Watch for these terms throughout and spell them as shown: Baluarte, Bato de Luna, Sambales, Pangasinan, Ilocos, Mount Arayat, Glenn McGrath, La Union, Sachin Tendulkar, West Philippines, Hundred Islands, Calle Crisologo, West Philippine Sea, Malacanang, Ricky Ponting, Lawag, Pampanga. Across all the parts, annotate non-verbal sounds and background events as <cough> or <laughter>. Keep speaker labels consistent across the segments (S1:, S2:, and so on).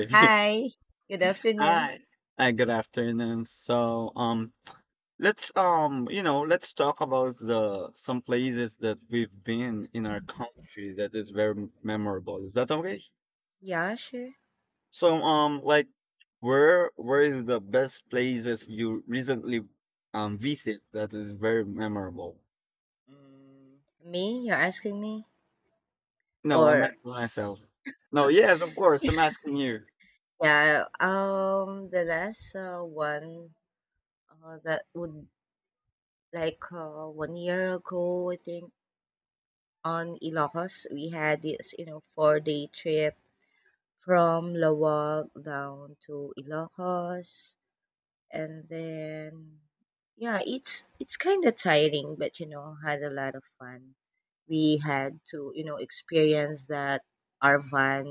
S1: <laughs>
S2: Hi, good afternoon.
S1: Hi. Hi, good afternoon. Let's talk about the some places that we've been in our country that is very memorable. Is that okay?
S2: Yeah, sure.
S1: Like where is the best places you recently visit that is very memorable?
S2: Me, you're asking me?
S1: No, I'm
S2: Or
S1: asking myself. No, yes, of course, I'm asking you.
S2: yeah, the last one that would like 1 year ago, I think, on Ilocos. We had this 4 day trip from Lawag down to Ilocos, and then yeah, it's kind of tiring, but had a lot of fun. We had to experience that our van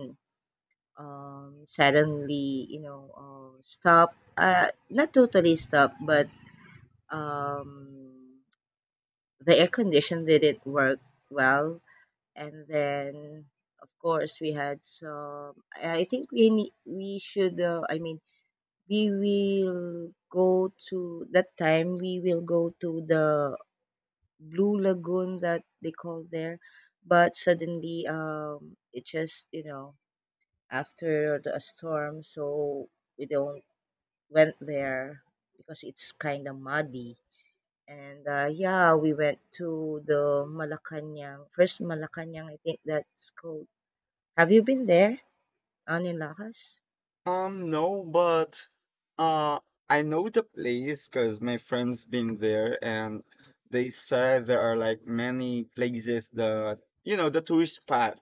S2: suddenly stop, not totally stopped, but um, the air condition didn't work well. And then of course we had some I think we need, we should, we will go to, that time we will go to the blue lagoon that they call there, but suddenly it just, after the storm, so we don't went there because it's kind of muddy. And yeah, we went to the Malacanang first. Malacanang, I think that's called. Have you been there on?
S1: No, but uh, I know the place because my friend's been there, and they said there are like many places that the tourist spot.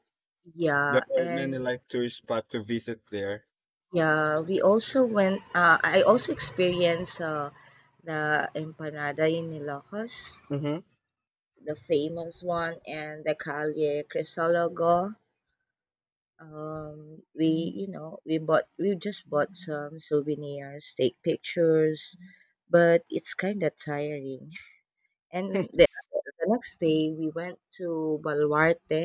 S1: There
S2: Yeah.
S1: are many
S2: And
S1: like tourist spot to visit there.
S2: yeah, we also went, I also experienced, the empanada in Ilocos,
S1: Mm-hmm.
S2: the famous one, and the Calle Crisologo. We we bought we just bought some souvenirs, take pictures, but it's kind of tiring. And the next day we went to Baluarte.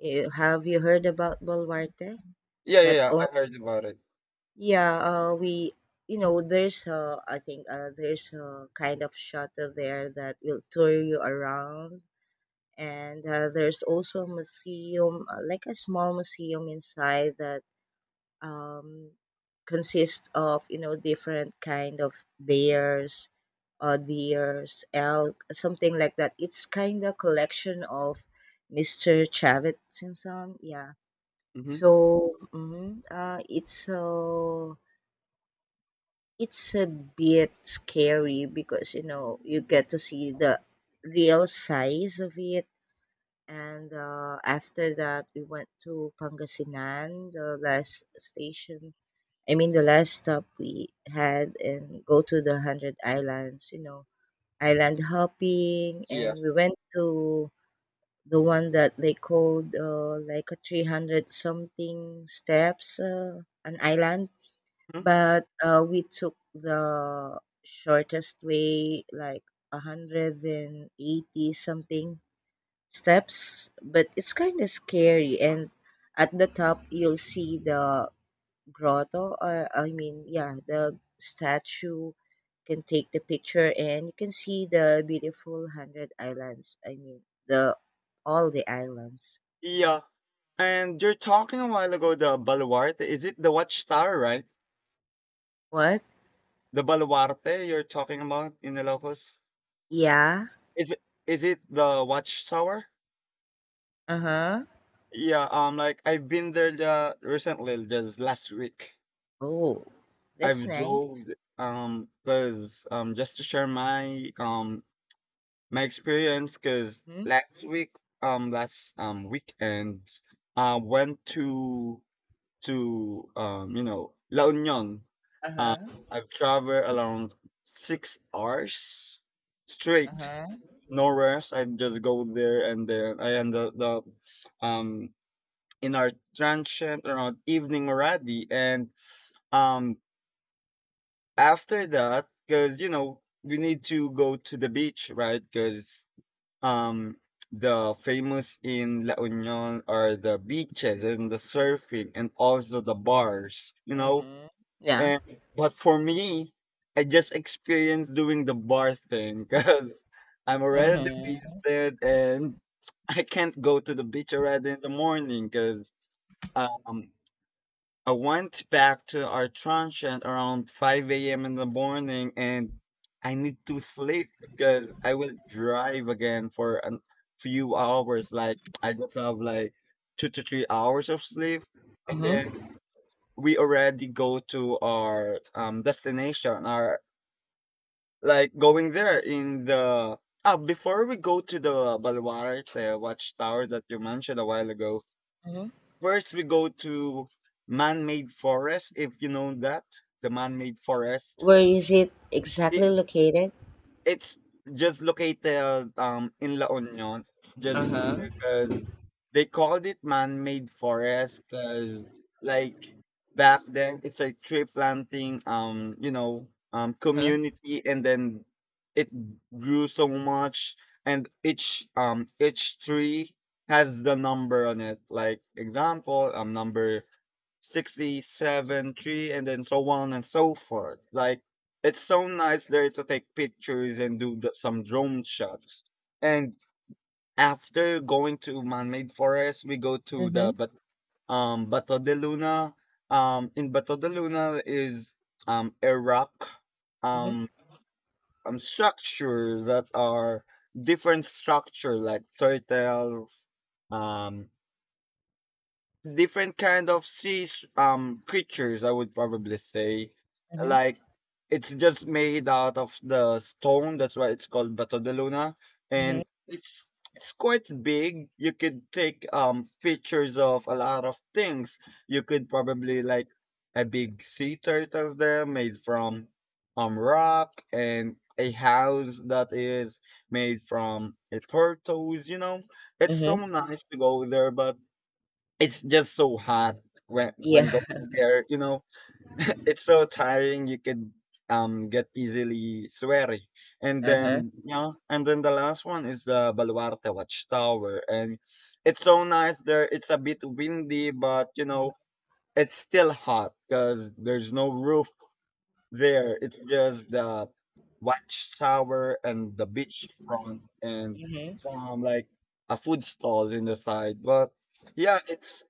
S2: Eh, have you heard about Baluarte?
S1: Yeah, yeah,
S2: That
S1: yeah,
S2: own,
S1: I heard about it.
S2: yeah. We, there's a, I think, there's a kind of shuttle there that will tour you around. And there's also a museum, like a small museum inside that um, consists of different kind of bears, deers, elk, something like that. It's kind of collection of Mr. and Chavitzson, yeah.
S1: Mm-hmm.
S2: So it's, it's a bit scary because you get to see the real size of it. And after that, we went to Pangasinan, the last station. I mean, the last stop we had, and go to the Hundred Islands. You know, island hopping,
S1: Yeah.
S2: and we went to the one that they called, like a 300 something steps, an island.
S1: Mhm.
S2: But we took the shortest way, like 180 something steps, but it's kind of scary. And at the top, you'll see the grotto. I mean, yeah, the statue, can take the picture, and you can see the beautiful hundred islands. I mean, the all the islands.
S1: Yeah. And you're talking a while ago the Baluarte. Is it the Watchtower, right?
S2: What?
S1: The Baluarte you're talking about in the Ilocos?
S2: Yeah.
S1: Is it is it the Watchtower?
S2: Uh huh.
S1: Yeah, like I've been there recently, just last week.
S2: Oh, that's
S1: I've
S2: nice.
S1: drove, cause just to share my my experience, cause
S2: Mm-hmm.
S1: last week, last weekend, I went to to La Union.
S2: Uh
S1: Um,
S2: huh.
S1: I've traveled around 6 hours
S2: Uh
S1: straight,
S2: huh.
S1: no rest. I just go there and then I end up um in our transient or our evening already. And um, after that, because you know we need to go to the beach, right? Because um, the famous in La Union are the beaches and the surfing and also the bars, you know.
S2: Mm-hmm. Yeah.
S1: And but for me, I just experienced doing the bar thing <laughs> because I'm already
S2: Mm-hmm.
S1: wasted and I can't go to the beach already in the morning because um I went back to our tranche at around 5 a.m. in the morning and I need to sleep because I will drive again for a few hours. Like I just have like 2 to 3 hours of sleep. And then
S2: Mm-hmm.
S1: we already go to our destination. Our like going there in the ah before we go to the Balwara, the watchtower that you mentioned a while ago,
S2: Mm-hmm.
S1: first, we go to man-made forest, if you know that, the man-made forest.
S2: Where is it
S1: It,
S2: exactly located?
S1: it's just located in La Union. It's
S2: Uh
S1: just
S2: huh.
S1: because they called it man-made forest because like back then it's a tree planting
S2: Uh huh.
S1: community, and then it grew so much, and each tree has the number on it. Like example, number 67 tree and then so on and so forth. Like it's so nice there to take pictures and do the, some drone shots, and after going to man-made forest we go to
S2: Mm-hmm.
S1: the bato de luna. In bato de luna is a rock,
S2: Mhm.
S1: um, structure that are different structure like turtles, um different kind of sea creatures I would probably say.
S2: Mhm.
S1: Like it's just made out of the stone, that's why it's called bato de luna,
S2: Mhm.
S1: and it's quite big. You could take pictures of a lot of things. You could probably like a big sea turtle there made from rock, and a house that is made from a tortoise, you know. It's so
S2: Mhm.
S1: nice to go there, but it's just so hot when
S2: Yeah.
S1: when going there, you know. <laughs> It's so tiring. You could get easily sweaty. And
S2: Uh-huh.
S1: then yeah, and then the last one is the Baluarte Watchtower, and it's so nice there. It's a bit windy, but you
S2: Mhm.
S1: know it's still hot because there's no roof there. It's just the watchtower and the beach front and
S2: Mhm.
S1: some like a food stalls in the side. But yeah, it's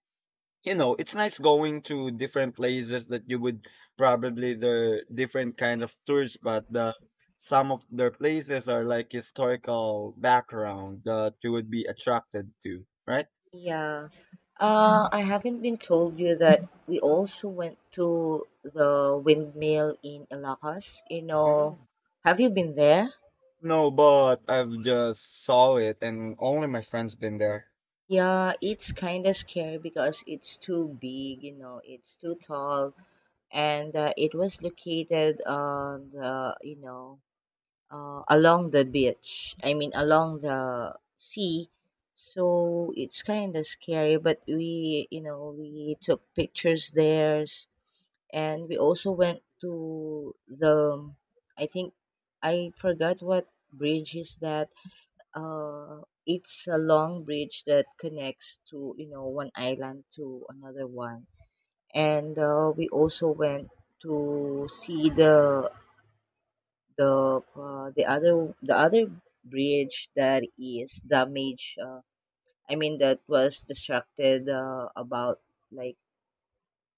S1: you know, it's nice going to different places that you would probably the different kind of tours, but the some of their places are like historical background that you would be attracted to, right?
S2: Yeah. I haven't been told you that we also went to the windmill in Ilocos. You know,
S1: Mm.
S2: have you been there?
S1: No, but I've just saw it, and only my friends been there.
S2: Yeah, it's kind of scary because it's too big, you know, it's too tall, and it was located on the, you know, along the beach. I mean, along the sea. So it's kind of scary, but we, you know, we took pictures there, and we also went to the. I think I forgot what bridge is that. It's a long bridge that connects to, you know, one island to another one. And we also went to see the other bridge that is damaged, I mean that was distracted, about, like,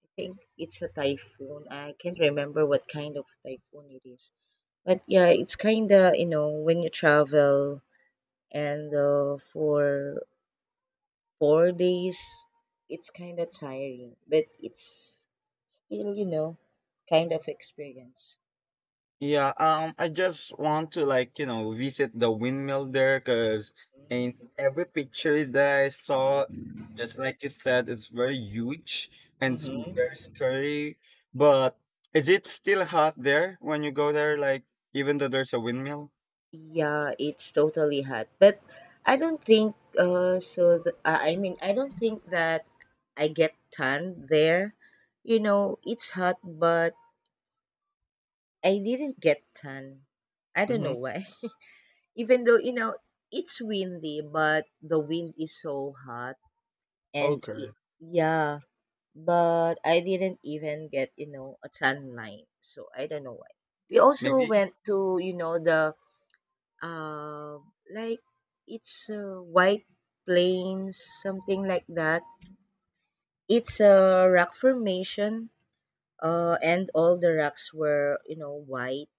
S2: I think it's a typhoon. I can't remember what kind of typhoon it is. But yeah, it's kind of, you know, when you travel, and for 4 days, it's kind of tiring, but it's still, you know, kind of experience.
S1: Yeah, I just want to like, you know, visit the windmill there because in
S2: Mm-hmm.
S1: every picture that I saw, just like you said, it's very huge and it's
S2: Mm-hmm.
S1: very scary. But is it still hot there when you go there? Like, even though there's a windmill?
S2: Yeah, it's totally hot. But I don't think I mean, I don't think that I get tan there. You know, it's hot, but I didn't get tan. I don't
S1: Mm-hmm.
S2: know why. <laughs> Even though, you know, it's windy, but the wind is so hot. And it,
S1: Okay.
S2: yeah, but I didn't even get, you know, a tan line. So I don't know why. We also
S1: Maybe.
S2: went to, you know, the uh, like, it's, White Plains, something like that. It's a rock formation, and all the rocks were, you know, white.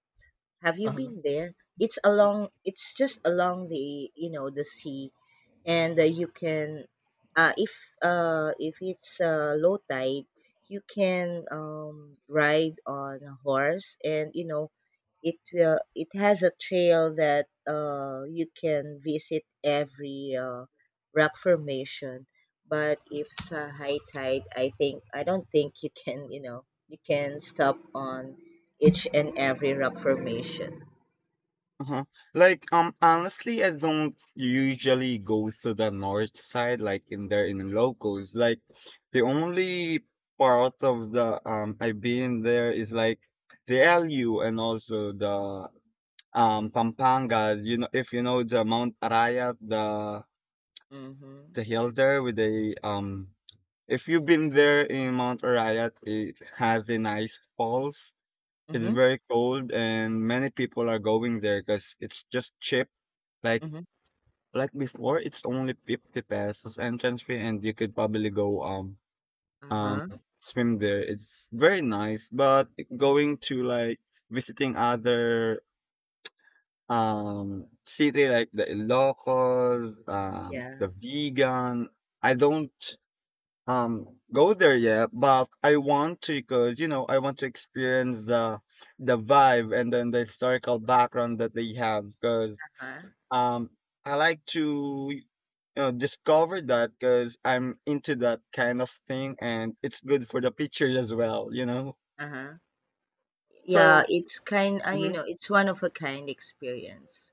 S2: Have you been there? It's along. It's just along the, you know, the sea. And you can, if it's low tide, you can ride on a horse. And you know, it has a trail that you can visit every rock formation. But if it's a high tide, I think, I don't think you can, you know, you can stop on each and every rock formation.
S1: Uh-huh. Like, honestly, I don't usually go to the north side, like in there in locals. Like, the only part of the I've been there is like the LU and also the Pampanga. You know, if you know the Mount Arayat,
S2: Mm-hmm.
S1: the hill there with the. If you've been there in Mount Arayat, it has a nice falls. It's
S2: Mm-hmm.
S1: very cold, and many people are going there because it's just cheap. Like
S2: Mm-hmm.
S1: like before, it's only 50 pesos entrance fee, and you could probably go um
S2: Uh-huh.
S1: swim there. It's very nice, but going to like visiting other city like the Ilocos,
S2: Yeah.
S1: the Vegan, I don't go there yet, but I want to because you know I want to experience the vibe and then the historical background that they have, because
S2: Uh-huh.
S1: um I like to discovered that because I'm into that kind of thing and it's good for the pictures as well, you know?
S2: Uh-huh. Yeah,
S1: So,
S2: it's kind, you know,
S1: mhm,
S2: it's one of a kind experience.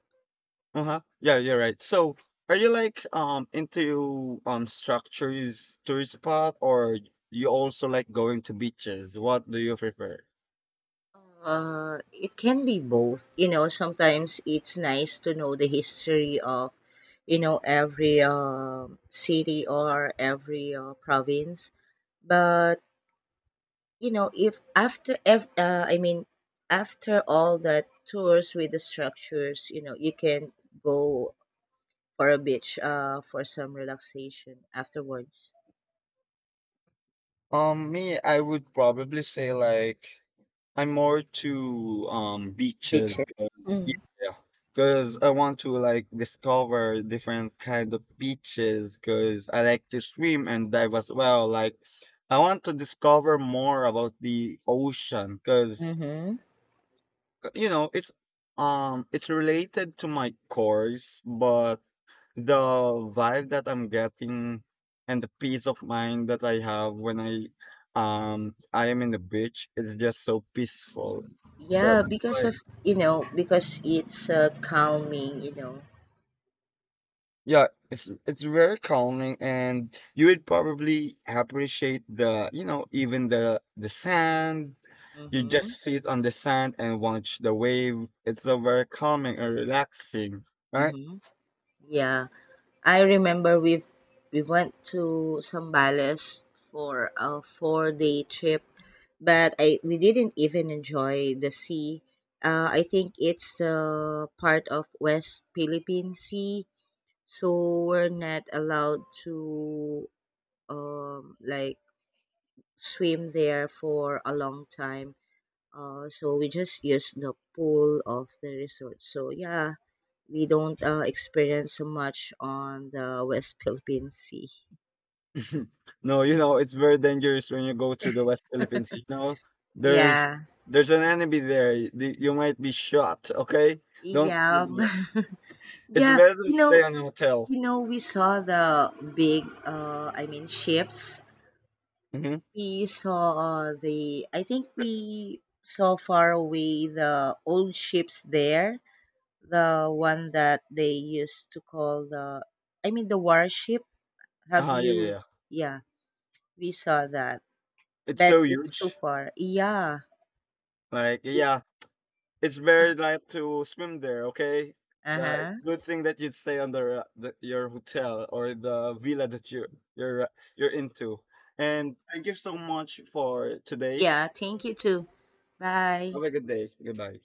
S1: uh-huh. Yeah, you're right. So, are you like into structures tourist spot or you also like going to beaches? What do you prefer?
S2: It can be both. You know, sometimes it's nice to know the history of, you know, every city or every province. But, you know, if after, I mean, after all that tours with the structures, you know, you can go for a beach for some relaxation afterwards.
S1: Me, I would probably say like I'm more to beaches
S2: Beaches.
S1: because yeah, because I want to like discover different kind of beaches because I like to swim and dive as well. Like I want to discover more about the ocean, because
S2: Mm-hmm.
S1: you know it's it's related to my course, but the vibe that I'm getting and the peace of mind that I have when I am in the beach is just so peaceful. So
S2: Yeah, because of, you know, because it's calming, you know.
S1: yeah, it's very calming, and you would probably appreciate the, you know, even the sand. You just
S2: Mhm.
S1: sit on the sand and watch the wave. It's so very calming and relaxing, right?
S2: Mhm. Yeah, I remember we went to Sambales for a 4 day trip, but I we didn't even enjoy the sea. I think it's the part of West Philippine Sea, so we're not allowed to like swim there for a long time. So we just use the pool of the resort. So yeah, we don't, experience so much on the West Philippine Sea.
S1: <laughs> No, you know, it's very dangerous when you go to the West Philippines. You know, there's
S2: Yeah,
S1: there's an enemy there. You might be shot, okay? Don't go
S2: yeah,
S1: there.
S2: <laughs>
S1: It's
S2: yeah.
S1: better to
S2: You
S1: stay
S2: know,
S1: on a hotel.
S2: you know, we saw the big. I mean, ships.
S1: Mm-hmm.
S2: We saw, the. I think we saw far away the old ships there. The one that they used to call the. I mean, the warship. Have
S1: Yeah, yeah,
S2: you?
S1: yeah.
S2: Yeah, we saw that.
S1: It's
S2: But
S1: so
S2: it's too
S1: huge.
S2: far. Yeah.
S1: Like, yeah. It's very nice to swim there. Okay,
S2: Uh
S1: it's
S2: huh.
S1: good thing that you'd stay under the, your hotel or the villa that you're uh, you're into. And thank you so much for today.
S2: Yeah. Thank you too. Bye.
S1: Have a good day. Goodbye.